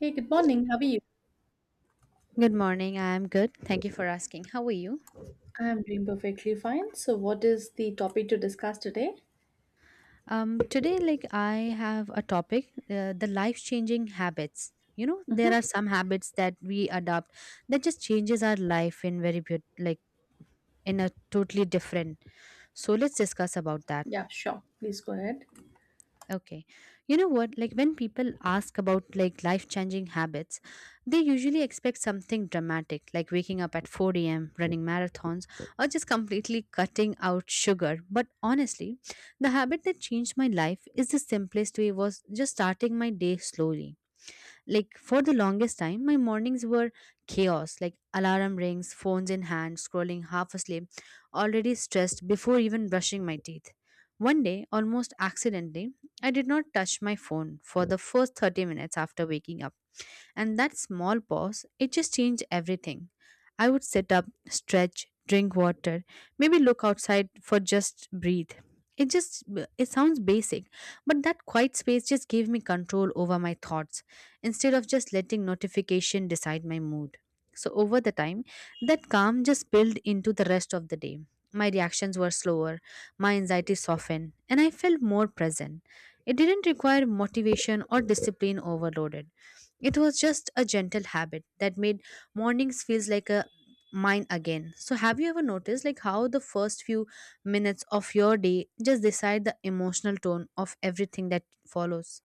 Hey, good morning. How are you? Good morning. I'm good. Thank you for asking. How are you? I am doing perfectly fine. So, what is the topic to discuss today? Today, like I have a topic, the life-changing habits. You know, there Mm-hmm. are some habits that we adopt that just changes our life in very beaut like in a totally different. So let's discuss about that. Yeah, sure. Please go ahead. Okay. You know what? Like when people ask about like life-changing habits, they usually expect something dramatic, like waking up at 4 a.m., running marathons, or just completely cutting out sugar. But honestly, the habit that changed my life is the simplest way was just starting my day slowly. Like for the longest time, my mornings were chaos, like alarm rings, phones in hand, scrolling half asleep, already stressed before even brushing my teeth. One day, almost accidentally, I did not touch my phone for the first 30 minutes after waking up, and that small pause, it just changed everything. I would sit up, stretch, drink water, maybe look outside for just breathe. It just it sounds basic, but that quiet space just gave me control over my thoughts instead of just letting notification decide my mood. So over the time, that calm just spilled into the rest of the day. My reactions were slower, my anxiety softened, and I felt more present. It didn't require motivation or discipline overloaded. It was just a gentle habit that made mornings feels like a mine again. So have you ever noticed like how the first few minutes of your day just decide the emotional tone of everything that follows?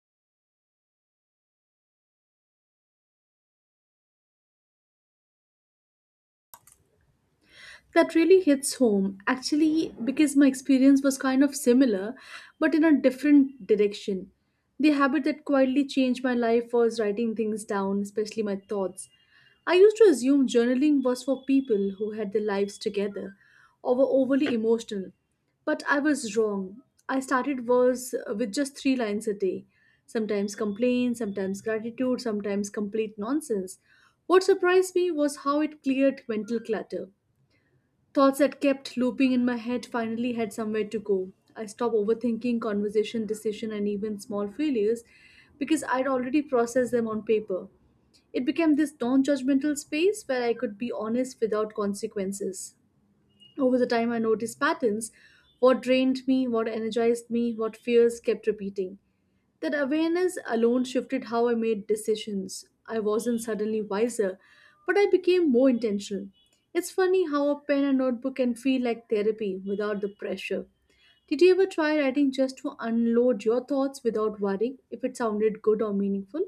That really hits home actually, because my experience was kind of similar but in a different direction. The habit that quietly changed my life was writing things down, especially my thoughts. I used to assume journaling was for people who had their lives together or were overly emotional, but I was wrong. I started was with just three lines a day, sometimes complaints, sometimes gratitude, sometimes complete nonsense. What surprised me was how it cleared mental clutter. Thoughts that kept looping in my head finally had somewhere to go. I stopped overthinking conversation, decision, and even small failures because I'd already processed them on paper. It became this non judgmental space where I could be honest without consequences. Over the time, I noticed patterns, what drained me, what energized me, what fears kept repeating. That awareness alone shifted how I made decisions. I wasn't suddenly wiser, but I became more intentional. It's funny how a pen and notebook can feel like therapy without the pressure. Did you ever try writing just to unload your thoughts without worrying if it sounded good or meaningful?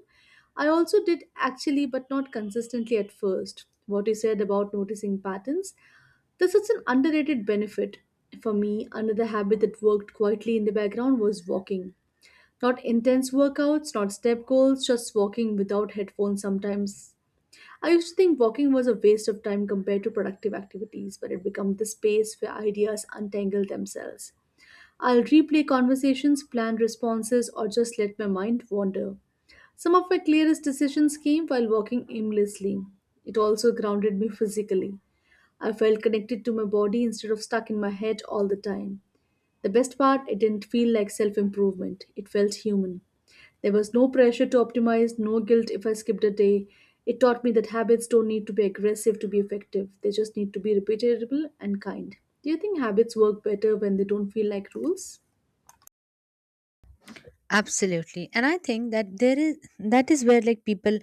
I also did actually, but not consistently at first. What you said about noticing patterns, that's such an underrated benefit. For me, another habit that worked quietly in the background was walking. Not intense workouts, not step goals, just walking without headphones sometimes. I used to think walking was a waste of time compared to productive activities, but it became the space where ideas untangle themselves. I'll replay conversations, plan responses, or just let my mind wander. Some of my clearest decisions came while walking aimlessly. It also grounded me physically. I felt connected to my body instead of stuck in my head all the time. The best part, it didn't feel like self improvement, it felt human. There was no pressure to optimize, no guilt if I skipped a day. It taught me that habits don't need to be aggressive to be effective, they just need to be repeatable and kind. Do you think habits work better when they don't feel like rules? Absolutely. And I think that there is that is where like people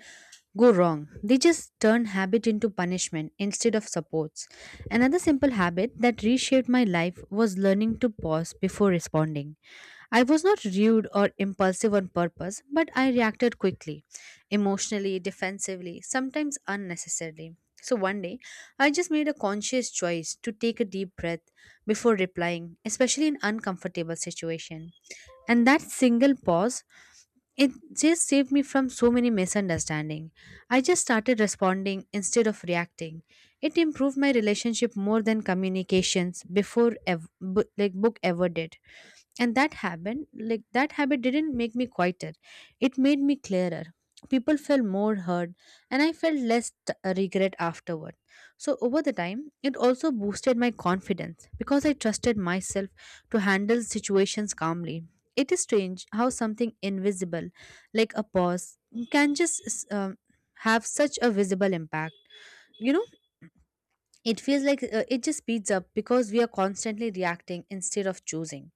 go wrong. They just turn habit into punishment instead of supports. Another simple habit that reshaped my life was learning to pause before responding. I was not rude or impulsive on purpose, but I reacted quickly, emotionally, defensively, sometimes unnecessarily. So one day, I just made a conscious choice to take a deep breath before replying, especially in uncomfortable situation. And that single pause, it just saved me from so many misunderstanding. I just started responding instead of reacting. It improved my relationship more than communications before like book ever did, and that happened, like that habit didn't make me quieter, it made me clearer. People felt more heard, and I felt less regret afterward. So over the time, it also boosted my confidence because I trusted myself to handle situations calmly. It is strange how something invisible like a pause can just have such a visible impact you know it feels like it just speeds up because we are constantly reacting instead of choosing.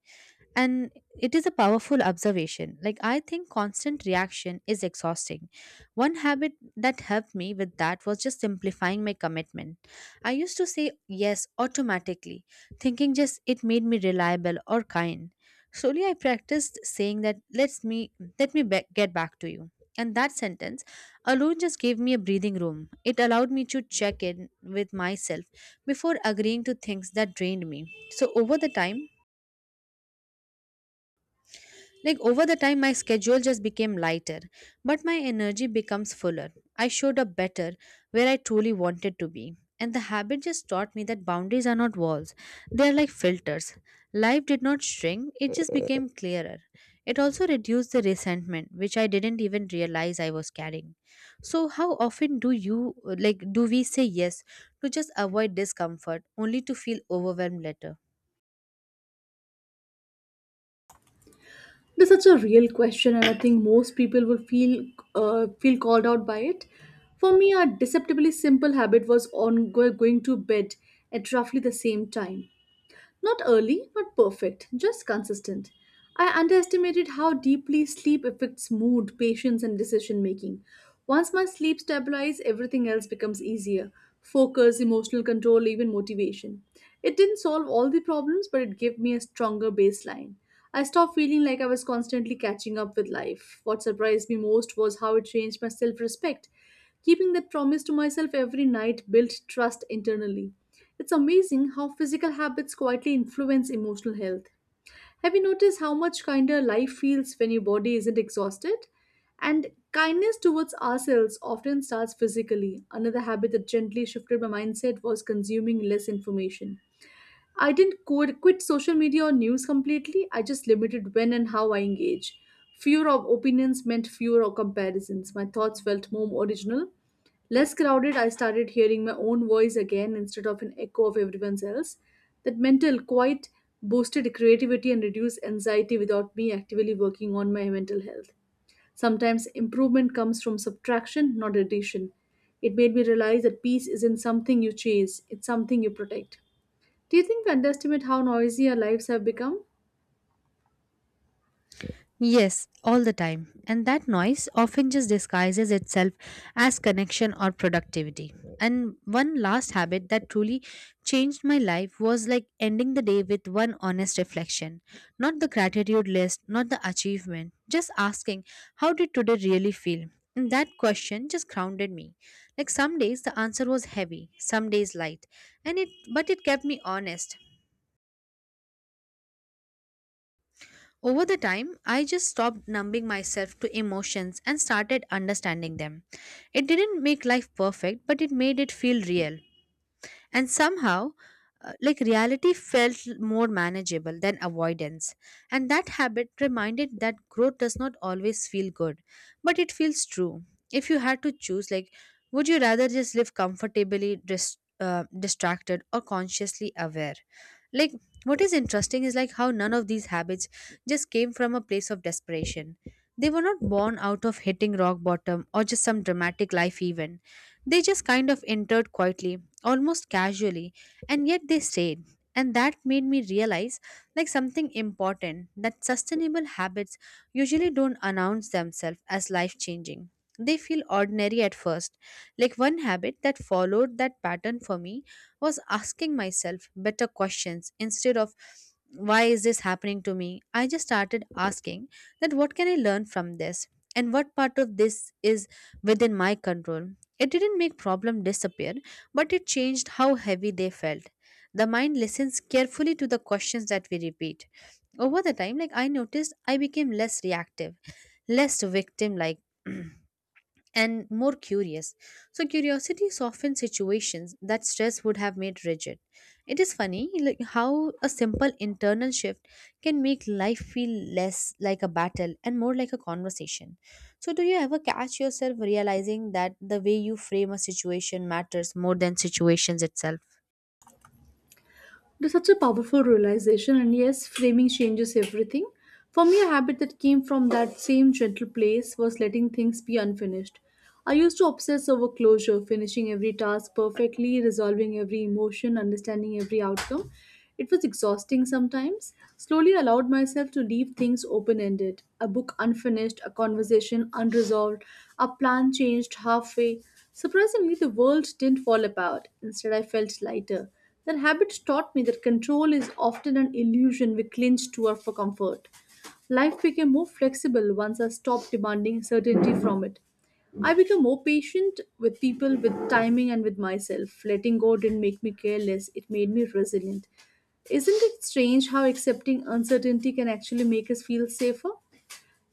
And it is a powerful observation, like I think constant reaction is exhausting. One habit that helped me with that was just simplifying my commitment. I used to say yes automatically, thinking just it made me reliable or kind. Slowly I practiced saying that, let's me let me be- get back to you. And that sentence alone just gave me a breathing room. It allowed me to check in with myself before agreeing to things that drained me. So over the time, my schedule just became lighter, but my energy becomes fuller. I showed up better where I truly wanted to be. And the habit just taught me that boundaries are not walls, they are like filters. Life did not shrink, it just became clearer. It also reduced the resentment, which I didn't even realize I was carrying. So, how often do we say yes to just avoid discomfort only to feel overwhelmed later? That's such a real question, and I think most people will feel called out by it. For me, a deceptively simple habit was going to bed at roughly the same time. Not early, not perfect, just consistent. I underestimated how deeply sleep affects mood, patience, and decision making. Once my sleep stabilizes, everything else becomes easier, focus, emotional control, even motivation. It didn't solve all the problems, but it gave me a stronger baseline. I stopped feeling like I was constantly catching up with life. What surprised me most was how it changed my self respect. Keeping that promise to myself every night built trust internally. It's amazing how physical habits quietly influence emotional health. Have you noticed how much kinder life feels when your body isn't exhausted? And kindness towards ourselves often starts physically. Another habit that gently shifted my mindset was consuming less information. I didn't quit social media or news completely. I just limited when and how I engage. Fewer of opinions meant fewer of comparisons. My thoughts felt more original. Less crowded, I started hearing my own voice again instead of an echo of everyone else. That mental quiet boosted creativity and reduced anxiety without me actively working on my mental health. Sometimes improvement comes from subtraction, not addition. It made me realize that peace isn't something you chase, it's something you protect. Do you think we underestimate how noisy our lives have become? Yes, all the time. And that noise often just disguises itself as connection or productivity. And one last habit that truly changed my life was like ending the day with one honest reflection. Not the gratitude list, not the achievement, just asking, how did today really feel? And that question just grounded me. Like some days the answer was heavy, some days light, and it kept me honest. Over the time, I just stopped numbing myself to emotions and started understanding them. It didn't make life perfect, but it made it feel real, and somehow like reality felt more manageable than avoidance. And that habit reminded that growth does not always feel good, but it feels true. If you had to choose, like would you rather just live comfortably distracted or consciously aware? Like what is interesting is like how none of these habits just came from a place of desperation. They were not born out of hitting rock bottom or just some dramatic life event. They just kind of entered quietly, almost casually, and yet they stayed. And that made me realize, like something important, that sustainable habits usually don't announce themselves as life changing. They feel ordinary at first. Like one habit that followed that pattern for me was asking myself better questions. Instead of why is this happening to me, I just started asking that what can I learn from this? And what part of this is within my control? It didn't make problem disappear, but it changed how heavy they felt. The mind listens carefully to the questions that we repeat. Over the time, like I noticed, I became less reactive, less victim like. And more curious. So, curiosity softens situations that stress would have made rigid. It is funny, like how a simple internal shift can make life feel less like a battle and more like a conversation. So, do you ever catch yourself realizing that the way you frame a situation matters more than situations itself? That's such a powerful realization, and yes, framing changes everything. For me, a habit that came from that same gentle place was letting things be unfinished. I used to obsess over closure, finishing every task perfectly, resolving every emotion, understanding every outcome. It was exhausting sometimes. Slowly allowed myself to leave things open ended, a book unfinished, a conversation unresolved, a plan changed halfway. Surprisingly, the world didn't fall apart. Instead, I felt lighter. Their habits taught me that control is often an illusion we cling to for comfort. Life became more flexible once I stopped demanding certainty from it. I became more patient with people, with timing, and with myself. Letting go didn't make me careless, it made me resilient. Isn't it strange how accepting uncertainty can actually make us feel safer?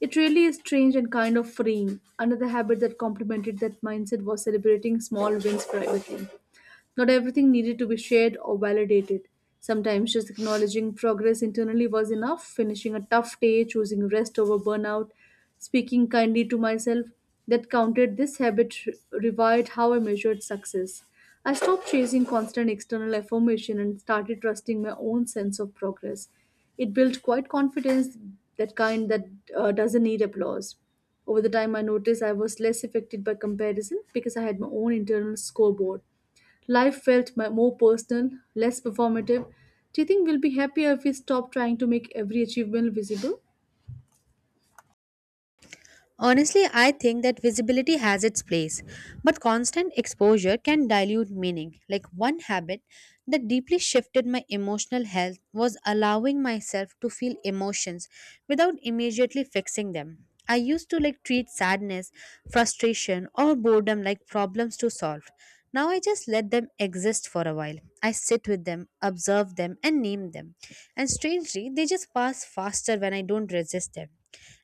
It really is strange and kind of freeing. Another habit that complemented that mindset was celebrating small wins privately. Not everything needed to be shared or validated. Sometimes just acknowledging progress internally was enough, finishing a tough day, choosing rest over burnout, speaking kindly to myself, that counted. This habit revived how I measured success. I stopped chasing constant external affirmation and started trusting my own sense of progress. It built quite confidence, that kind that doesn't need applause. Over the time, I noticed I was less affected by comparison because I had my own internal scoreboard. Life felt more personal, less performative. Do you think we'll be happier if we stop trying to make every achievement visible? Honestly, I think that visibility has its place, but constant exposure can dilute meaning. Like one habit that deeply shifted my emotional health was allowing myself to feel emotions without immediately fixing them. I used to like treat sadness, frustration, or boredom like problems to solve. Now I just let them exist for a while. I sit with them, observe them, and name them. And strangely, they just pass faster when I don't resist them.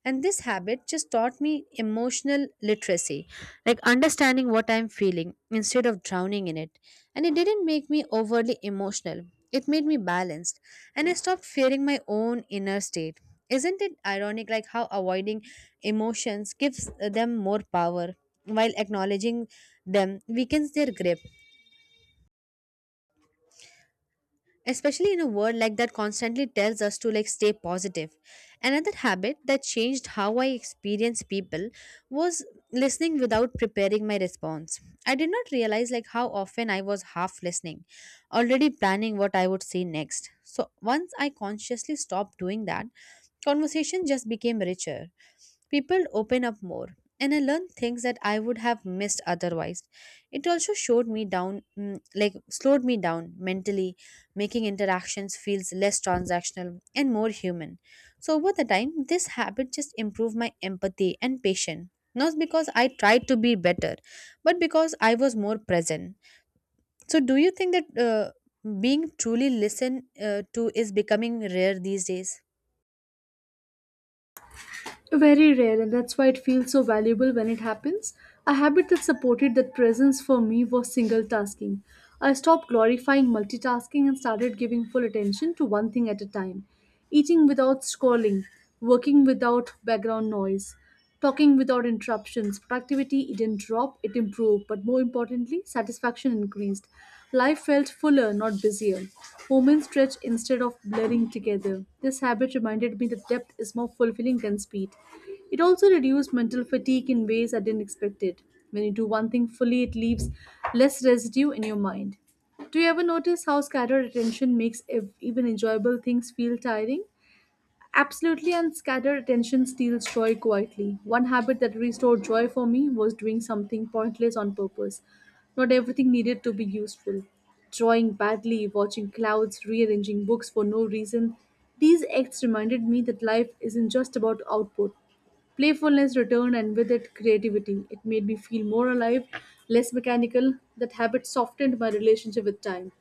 And this habit just taught me emotional literacy, like understanding what I'm feeling instead of drowning in it. And it didn't make me overly emotional, it made me balanced. And I stopped fearing my own inner state. Isn't it ironic, like how avoiding emotions gives them more power while acknowledging them weakens their grip? Especially in a world like that constantly tells us to like stay positive. Another habit that changed how I experience people was listening without preparing my response. I did not realize like how often I was half listening, already planning what I would say next. So once I consciously stopped doing that, conversation just became richer. People open up more, and I learned things that I would have missed otherwise. It also showed me down, mm, like slowed me down mentally, making interactions feels less transactional and more human. So over the time, this habit just improved my empathy and patience. Not because I tried to be better, but because I was more present. So, do you think that being truly listened to is becoming rare these days? Very rare, and that's why it feels so valuable when it happens. A habit that supported that presence for me was single tasking. I stopped glorifying multitasking and started giving full attention to one thing at a time. Eating without scrolling, working without background noise. Talking without interruptions, productivity it didn't drop, it improved, but more importantly, satisfaction increased. Life felt fuller, not busier. Moments stretched instead of blurring together. This habit reminded me that depth is more fulfilling than speed. It also reduced mental fatigue in ways I didn't expect it. When you do one thing fully, it leaves less residue in your mind. Do you ever notice how scattered attention makes even enjoyable things feel tiring? Absolutely, and scattered attention steals joy quietly. One habit that restored joy for me was doing something pointless on purpose. Not everything needed to be useful. Drawing badly, watching clouds, rearranging books for no reason. These acts reminded me that life isn't just about output. Playfulness returned, and with it, creativity. It made me feel more alive, less mechanical. That habit softened my relationship with time.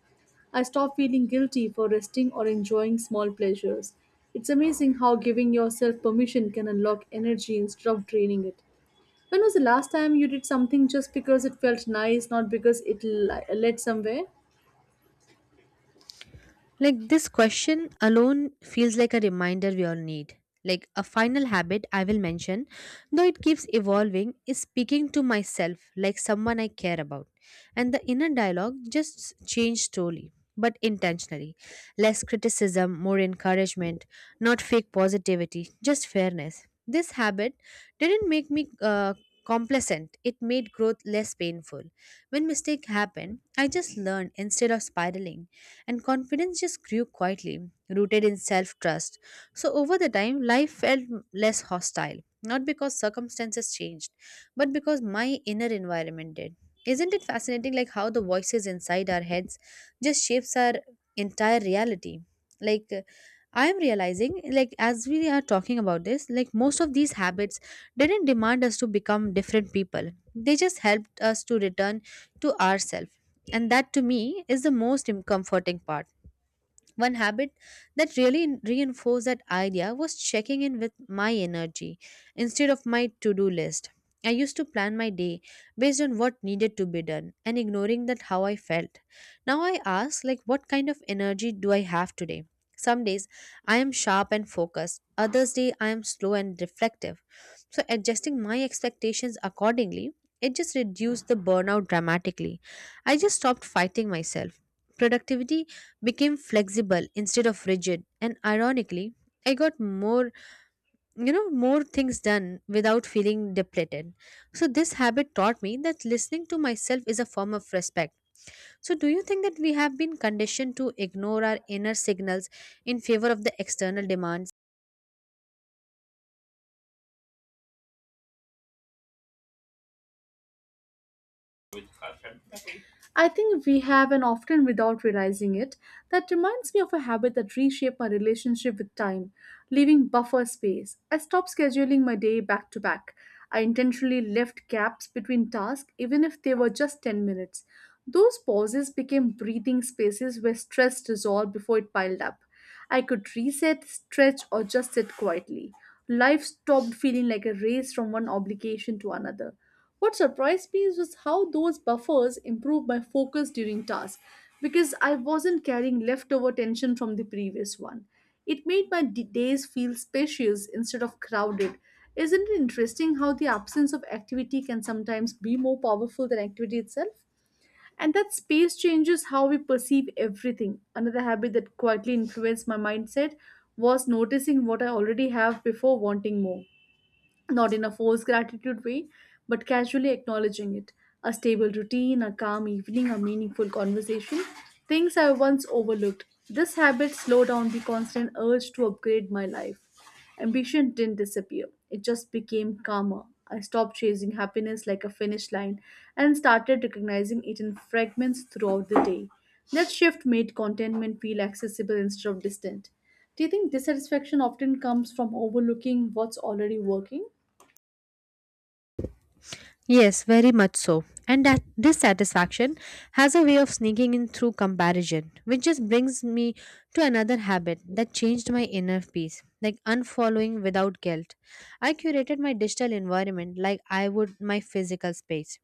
I stop feeling guilty for resting or enjoying small pleasures. It's amazing how giving yourself permission can unlock energy instead of draining it. When was the last time you did something just because it felt nice, not because it led somewhere? Like this question alone feels like a reminder we all need. Like a final habit I will mention, though it keeps evolving, is speaking to myself like someone I care about. And the inner dialogue just changed slowly, but intentionally. Less criticism, more encouragement, not fake positivity, just fairness. This habit didn't make me complacent, it made growth less painful. When mistake happened, I just learned instead of spiraling, and confidence just grew quietly, rooted in self trust. So, over the time, life felt less hostile, not because circumstances changed, but because my inner environment did. Isn't it fascinating, like how the voices inside our heads just shapes our entire reality? Like, I am realizing, like as we are talking about this, like most of these habits didn't demand us to become different people. They just helped us to return to ourselves, and that to me is the most comforting part. One habit that really reinforced that idea was checking in with my energy instead of my to do list. I used to plan my day based on what needed to be done and ignoring that how I felt. Now I ask like what kind of energy do I have today? Some days I am sharp and focused, others day I am slow and reflective. So adjusting my expectations accordingly, it just reduced the burnout dramatically. I just stopped fighting myself. Productivity became flexible instead of rigid, and ironically I got more you know more things done without feeling depleted. So this habit taught me that listening to myself is a form of respect. So do you think that we have been conditioned to ignore our inner signals in favor of the external demands? I think we have, and often without realizing it. That reminds me of a habit that reshaped my relationship with time, leaving buffer space. I stopped scheduling my day back to back. I intentionally left gaps between tasks, even if they were just 10 minutes. Those pauses became breathing spaces where stress dissolved before it piled up. I could reset, stretch, or just sit quietly. Life stopped feeling like a race from one obligation to another. What surprised me was how those buffers improved my focus during tasks because I wasn't carrying leftover tension from the previous one. It made my days feel spacious instead of crowded. Isn't it interesting how the absence of activity can sometimes be more powerful than activity itself? And that space changes how we perceive everything. Another habit that quietly influenced my mindset was noticing what I already have before wanting more, not in a forced gratitude way, but casually acknowledging it. A stable routine, a calm evening, a meaningful conversation, things I once overlooked. This habit slowed down the constant urge to upgrade my life. Ambition didn't disappear, it just became calmer. I stopped chasing happiness like a finish line and started recognizing it in fragments throughout the day. That shift made contentment feel accessible instead of distant. Do you think dissatisfaction often comes from overlooking what's already working? Yes, very much so. And that dissatisfaction has a way of sneaking in through comparison, which just brings me to another habit that changed my inner peace, like unfollowing without guilt. I curated my digital environment like I would my physical space.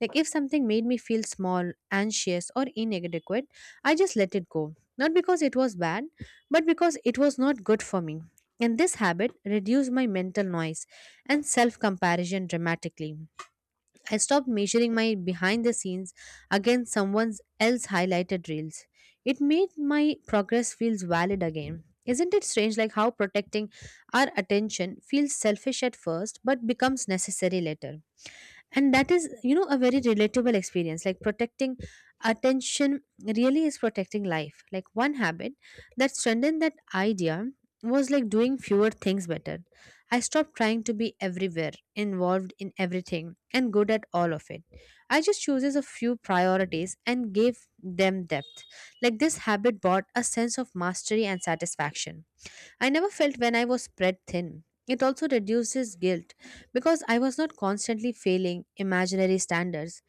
Like if something made me feel small, anxious, or inadequate, I just let it go. Not because it was bad, but because it was not good for me. And this habit reduced my mental noise and self comparison dramatically. I stopped measuring my behind the scenes against someone else's highlighted reels. It made my progress feels valid again. Isn't it strange like how protecting our attention feels selfish at first but becomes necessary later? And that is, you know, a very relatable experience, like protecting attention really is protecting life. Like one habit that strengthened that idea was like doing fewer things better. I stopped trying to be everywhere, involved in everything and good at all of it. I just chooses a few priorities and gave them depth. Like this habit brought a sense of mastery and satisfaction I never felt when I was spread thin. It also reduces guilt because I was not constantly failing imaginary standards,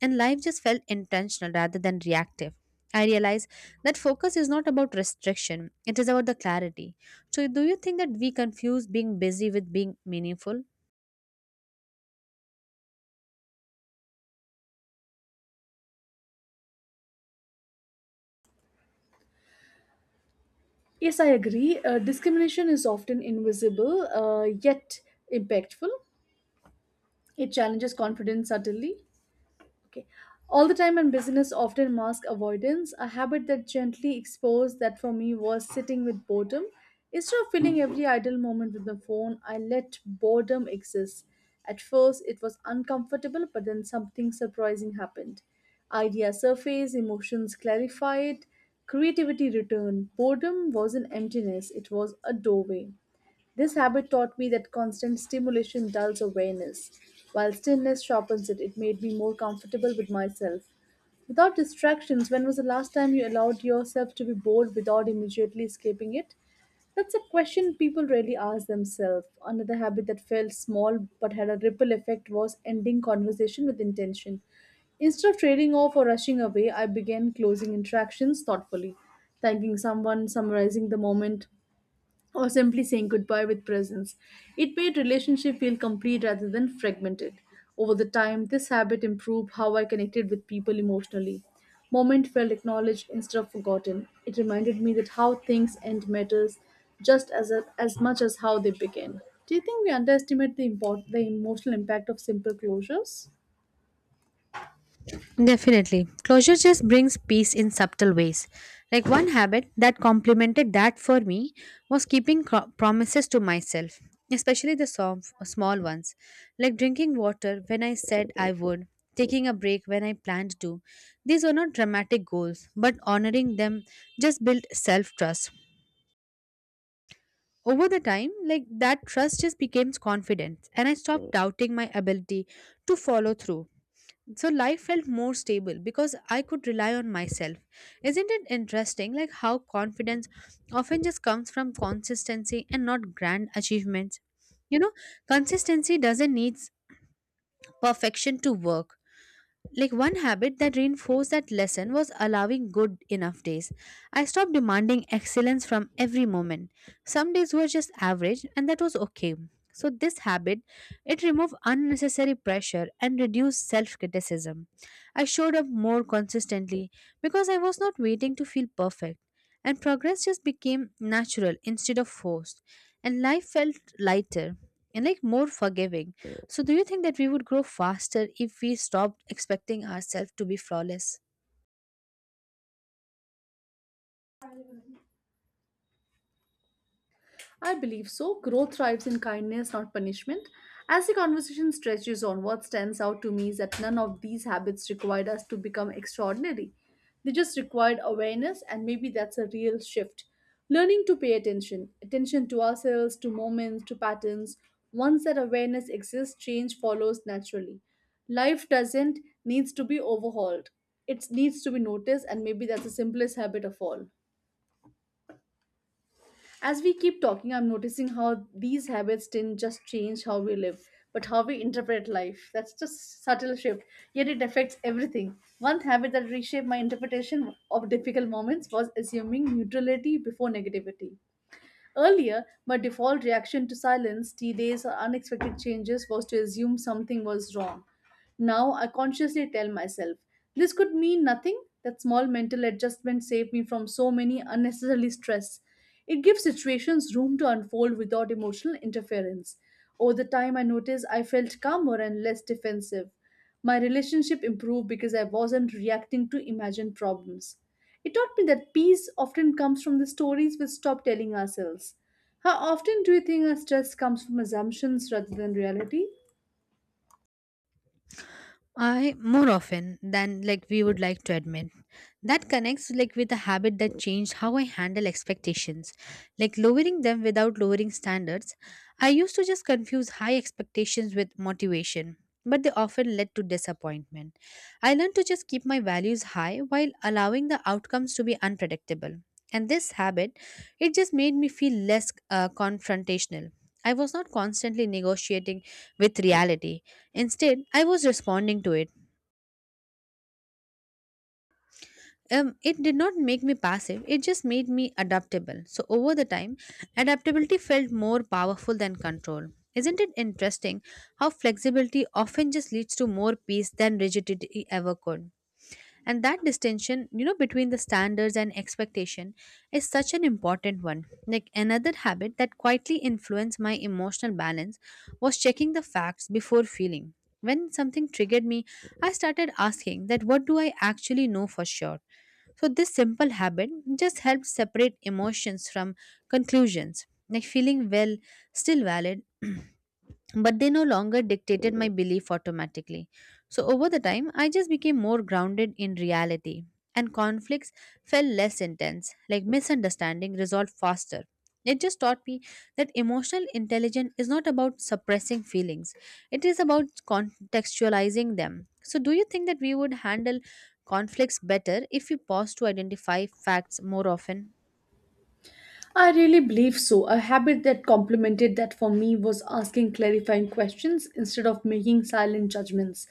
and life just felt intentional rather than reactive. I realize that focus is not about restriction, it is about the clarity. So, do you think that we confuse being busy with being meaningful? Yes, I agree. Discrimination is often invisible yet impactful. It challenges confidence subtly, okay. All the time and business often mask avoidance, a habit that gently exposed that for me was sitting with boredom. Instead of filling every idle moment with the phone, I let boredom exist. At first, it was uncomfortable, but then something surprising happened. Ideas surfaced, emotions clarified, creativity returned. Boredom wasn't emptiness, it was a doorway. This habit taught me that constant stimulation dulls awareness, while stillness sharpens it. It made me more comfortable with myself. Without distractions, when was the last time you allowed yourself to be bored without immediately escaping it? That's a question people rarely ask themselves. Another habit that felt small but had a ripple effect was ending conversation with intention. Instead of trailing off or rushing away, I began closing interactions thoughtfully, thanking someone, summarizing the moment, or simply saying goodbye with presence. It made relationship feel complete rather than fragmented. Over the time, this habit improved how I connected with people emotionally. Moment felt acknowledged instead of forgotten. It reminded me that how things end matters just as much as how they begin. Do you think we underestimate the emotional impact of simple closures? Definitely. Closure just brings peace in subtle ways. Like one habit that complemented that for me was keeping promises to myself, especially the small ones, like drinking water when I said I would, taking a break when I planned to. These were not dramatic goals, but honoring them just built self trust. Over the time, like that trust just became confidence, and I stopped doubting my ability to follow through. So life felt more stable because I could rely on myself. Isn't it interesting like how confidence often just comes from consistency and not grand achievements? You know, consistency doesn't need perfection to work. Like one habit that reinforced that lesson was allowing good enough days. I stopped demanding excellence from every moment. Some days were just average and that was okay. So this habit, it removed unnecessary pressure and reduced self-criticism. I showed up more consistently because I was not waiting to feel perfect, and progress just became natural instead of forced, and life felt lighter and like more forgiving. So, do you think that we would grow faster if we stopped expecting ourselves to be flawless? I believe so. Growth thrives in kindness, not punishment. As the conversation stretches on, what stands out to me is that none of these habits required us to become extraordinary. They just required awareness, and maybe that's a real shift. Learning to pay attention to ourselves, to moments, to patterns. Once that awareness exists, change follows naturally. Life doesn't needs to be overhauled. It needs to be noticed, and maybe that's the simplest habit of all. As we keep talking, I'm noticing how these habits didn't just change how we live, but how we interpret life. That's just subtle shift, yet it affects everything. One habit that reshaped my interpretation of difficult moments was assuming neutrality before negativity. Earlier, my default reaction to silence, delays, or unexpected changes was to assume something was wrong. Now I consciously tell myself, this could mean nothing. That small mental adjustment saved me from so many unnecessary stress. It gives situations room to unfold without emotional interference. Over the time I noticed I felt calmer and less defensive. My relationship improved because I wasn't reacting to imagined problems. It taught me that peace often comes from the stories we stop telling ourselves. How often do you think our stress comes from assumptions rather than reality? I, more often than like we would like to admit. That connects like with a habit that changed how I handle expectations, like lowering them without lowering standards. I used to just confuse high expectations with motivation, but they often led to disappointment. I learned to just keep my values high while allowing the outcomes to be unpredictable. And this habit, it just made me feel less confrontational. I was not constantly negotiating with reality. Instead, I was responding to it. It did not make me passive, it just made me adaptable. So, over the time, adaptability felt more powerful than control. Isn't it interesting how flexibility often just leads to more peace than rigidity ever could? And that distinction, you know, between the standards and expectation is such an important one. Like another habit that quietly influenced my emotional balance was checking the facts before feeling. When something triggered me, I started asking that what do I actually know for sure. So this simple habit just helped separate emotions from conclusions, like feeling well still valid but they no longer dictated my belief automatically. So, over the time, I just became more grounded in reality, and conflicts felt less intense, like misunderstanding resolved faster. It just taught me that emotional intelligence is not about suppressing feelings, it is about contextualizing them. So, do you think that we would handle conflicts better if we pause to identify facts more often? I really believe so. A habit that complemented that for me was asking clarifying questions instead of making silent judgments.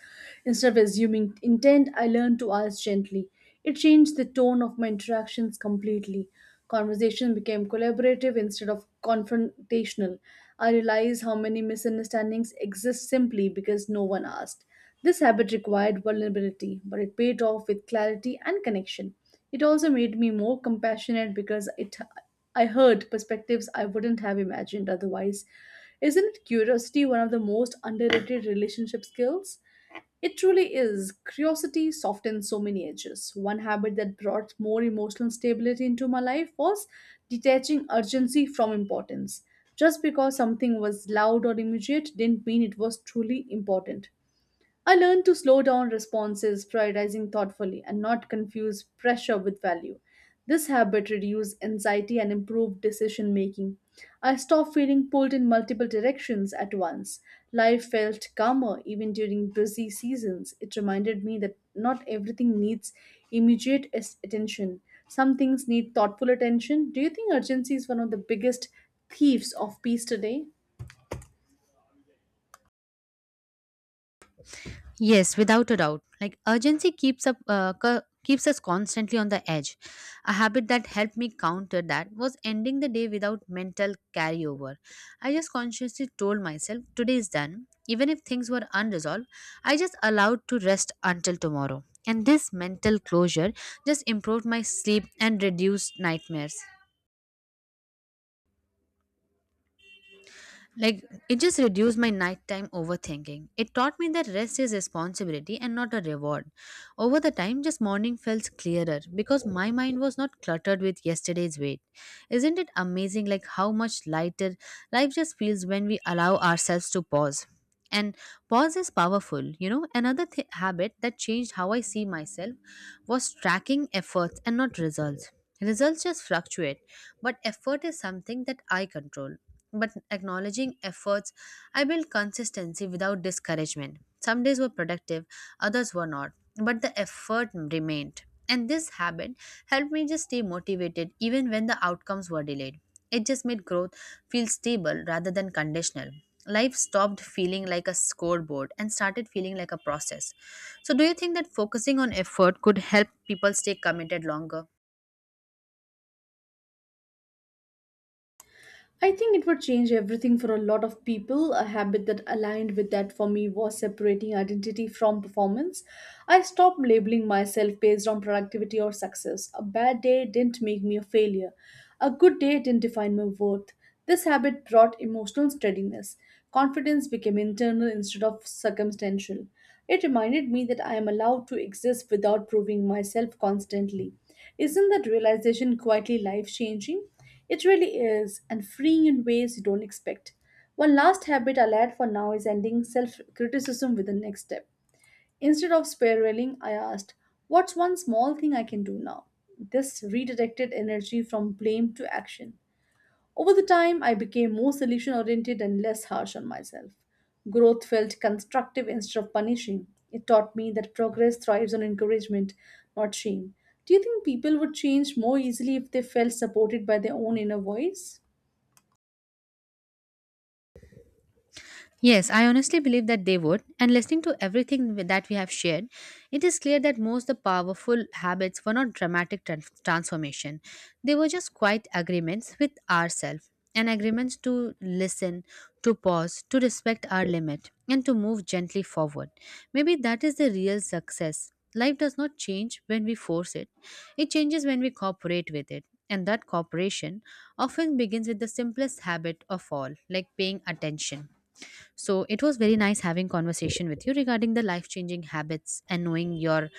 Instead of assuming intent, I learned to ask gently. It changed the tone of my interactions completely. Conversation became collaborative instead of confrontational. I realized how many misunderstandings exist simply because no one asked. This habit required vulnerability, but it paid off with clarity and connection. It also made me more compassionate because it I heard perspectives I wouldn't have imagined otherwise. Isn't curiosity one of the most underrated relationship skills? It truly is. Curiosity softens so many edges. One habit that brought more emotional stability into my life was detaching urgency from importance. Just because something was loud or immediate didn't mean it was truly important. I learned to slow down responses, prioritizing thoughtfully, and not confuse pressure with value. This habit reduced anxiety and improved decision making. I stopped feeling pulled in multiple directions at once. Life felt calmer even during busy seasons. It reminded me that not everything needs attention. Some things need thoughtful attention. Do you think urgency is one of the biggest thieves of peace today? Yes, without a doubt. Like urgency keeps up, keeps us constantly on the edge. A habit that helped me counter that was ending the day without mental carryover. I just consciously told myself today is done. Even if things were unresolved, I just allowed to rest until tomorrow. And this mental closure just improved my sleep and reduced nightmares. Like it just reduced my nighttime overthinking. It taught me that rest is responsibility and not a reward. Over the time, just morning felt clearer because my mind was not cluttered with yesterday's weight. Isn't it amazing like how much lighter life just feels when we allow ourselves to pause? And pause is powerful, you know. Another habit that changed how I see myself was tracking efforts and not results. Results just fluctuate but effort is something that I control. But acknowledging efforts, I build consistency without discouragement. Some days were productive, others were not, but the effort remained. And this habit helped me just stay motivated even when the outcomes were delayed. It just made growth feel stable rather than conditional. Life stopped feeling like a scoreboard and started feeling like a process. So, do you think that focusing on effort could help people stay committed longer? I think it would change everything for a lot of people. A habit that aligned with that for me was separating identity from performance. I stopped labeling myself based on productivity or success. A bad day didn't make me a failure. A good day didn't define my worth. This habit brought emotional steadiness. Confidence became internal instead of circumstantial. It reminded me that I am allowed to exist without proving myself constantly. Isn't that realization quietly life changing? It really is, and freeing in ways you don't expect. One last habit I'll add for now is ending self criticism with the next step. Instead of spiraling, I asked, what's one small thing I can do now? This redirected energy from blame to action. Over the time, I became more solution oriented and less harsh on myself. Growth felt constructive instead of punishing. It taught me that progress thrives on encouragement, not shame. Do you think people would change more easily if they felt supported by their own inner voice? Yes, I honestly believe that they would. And listening to everything that we have shared, it is clear that most of the powerful habits were not dramatic transformation. They were just quiet agreements with ourselves and agreements to listen, to pause, to respect our limit, and to move gently forward. Maybe that is the real success. Life does not change when we force it, it changes when we cooperate with it. And that cooperation often begins with the simplest habit of all, like paying attention. So it was very nice having conversation with you regarding the life changing habits and knowing your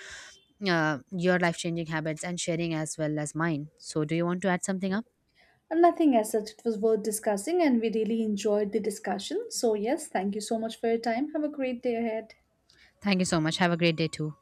uh, your life changing habits and sharing as well as mine. So do you want to add something up? And nothing as such, it was worth discussing, and we really enjoyed the discussion. So, yes, thank you so much for your time. Have a great day ahead. Thank you so much. Have a great day too.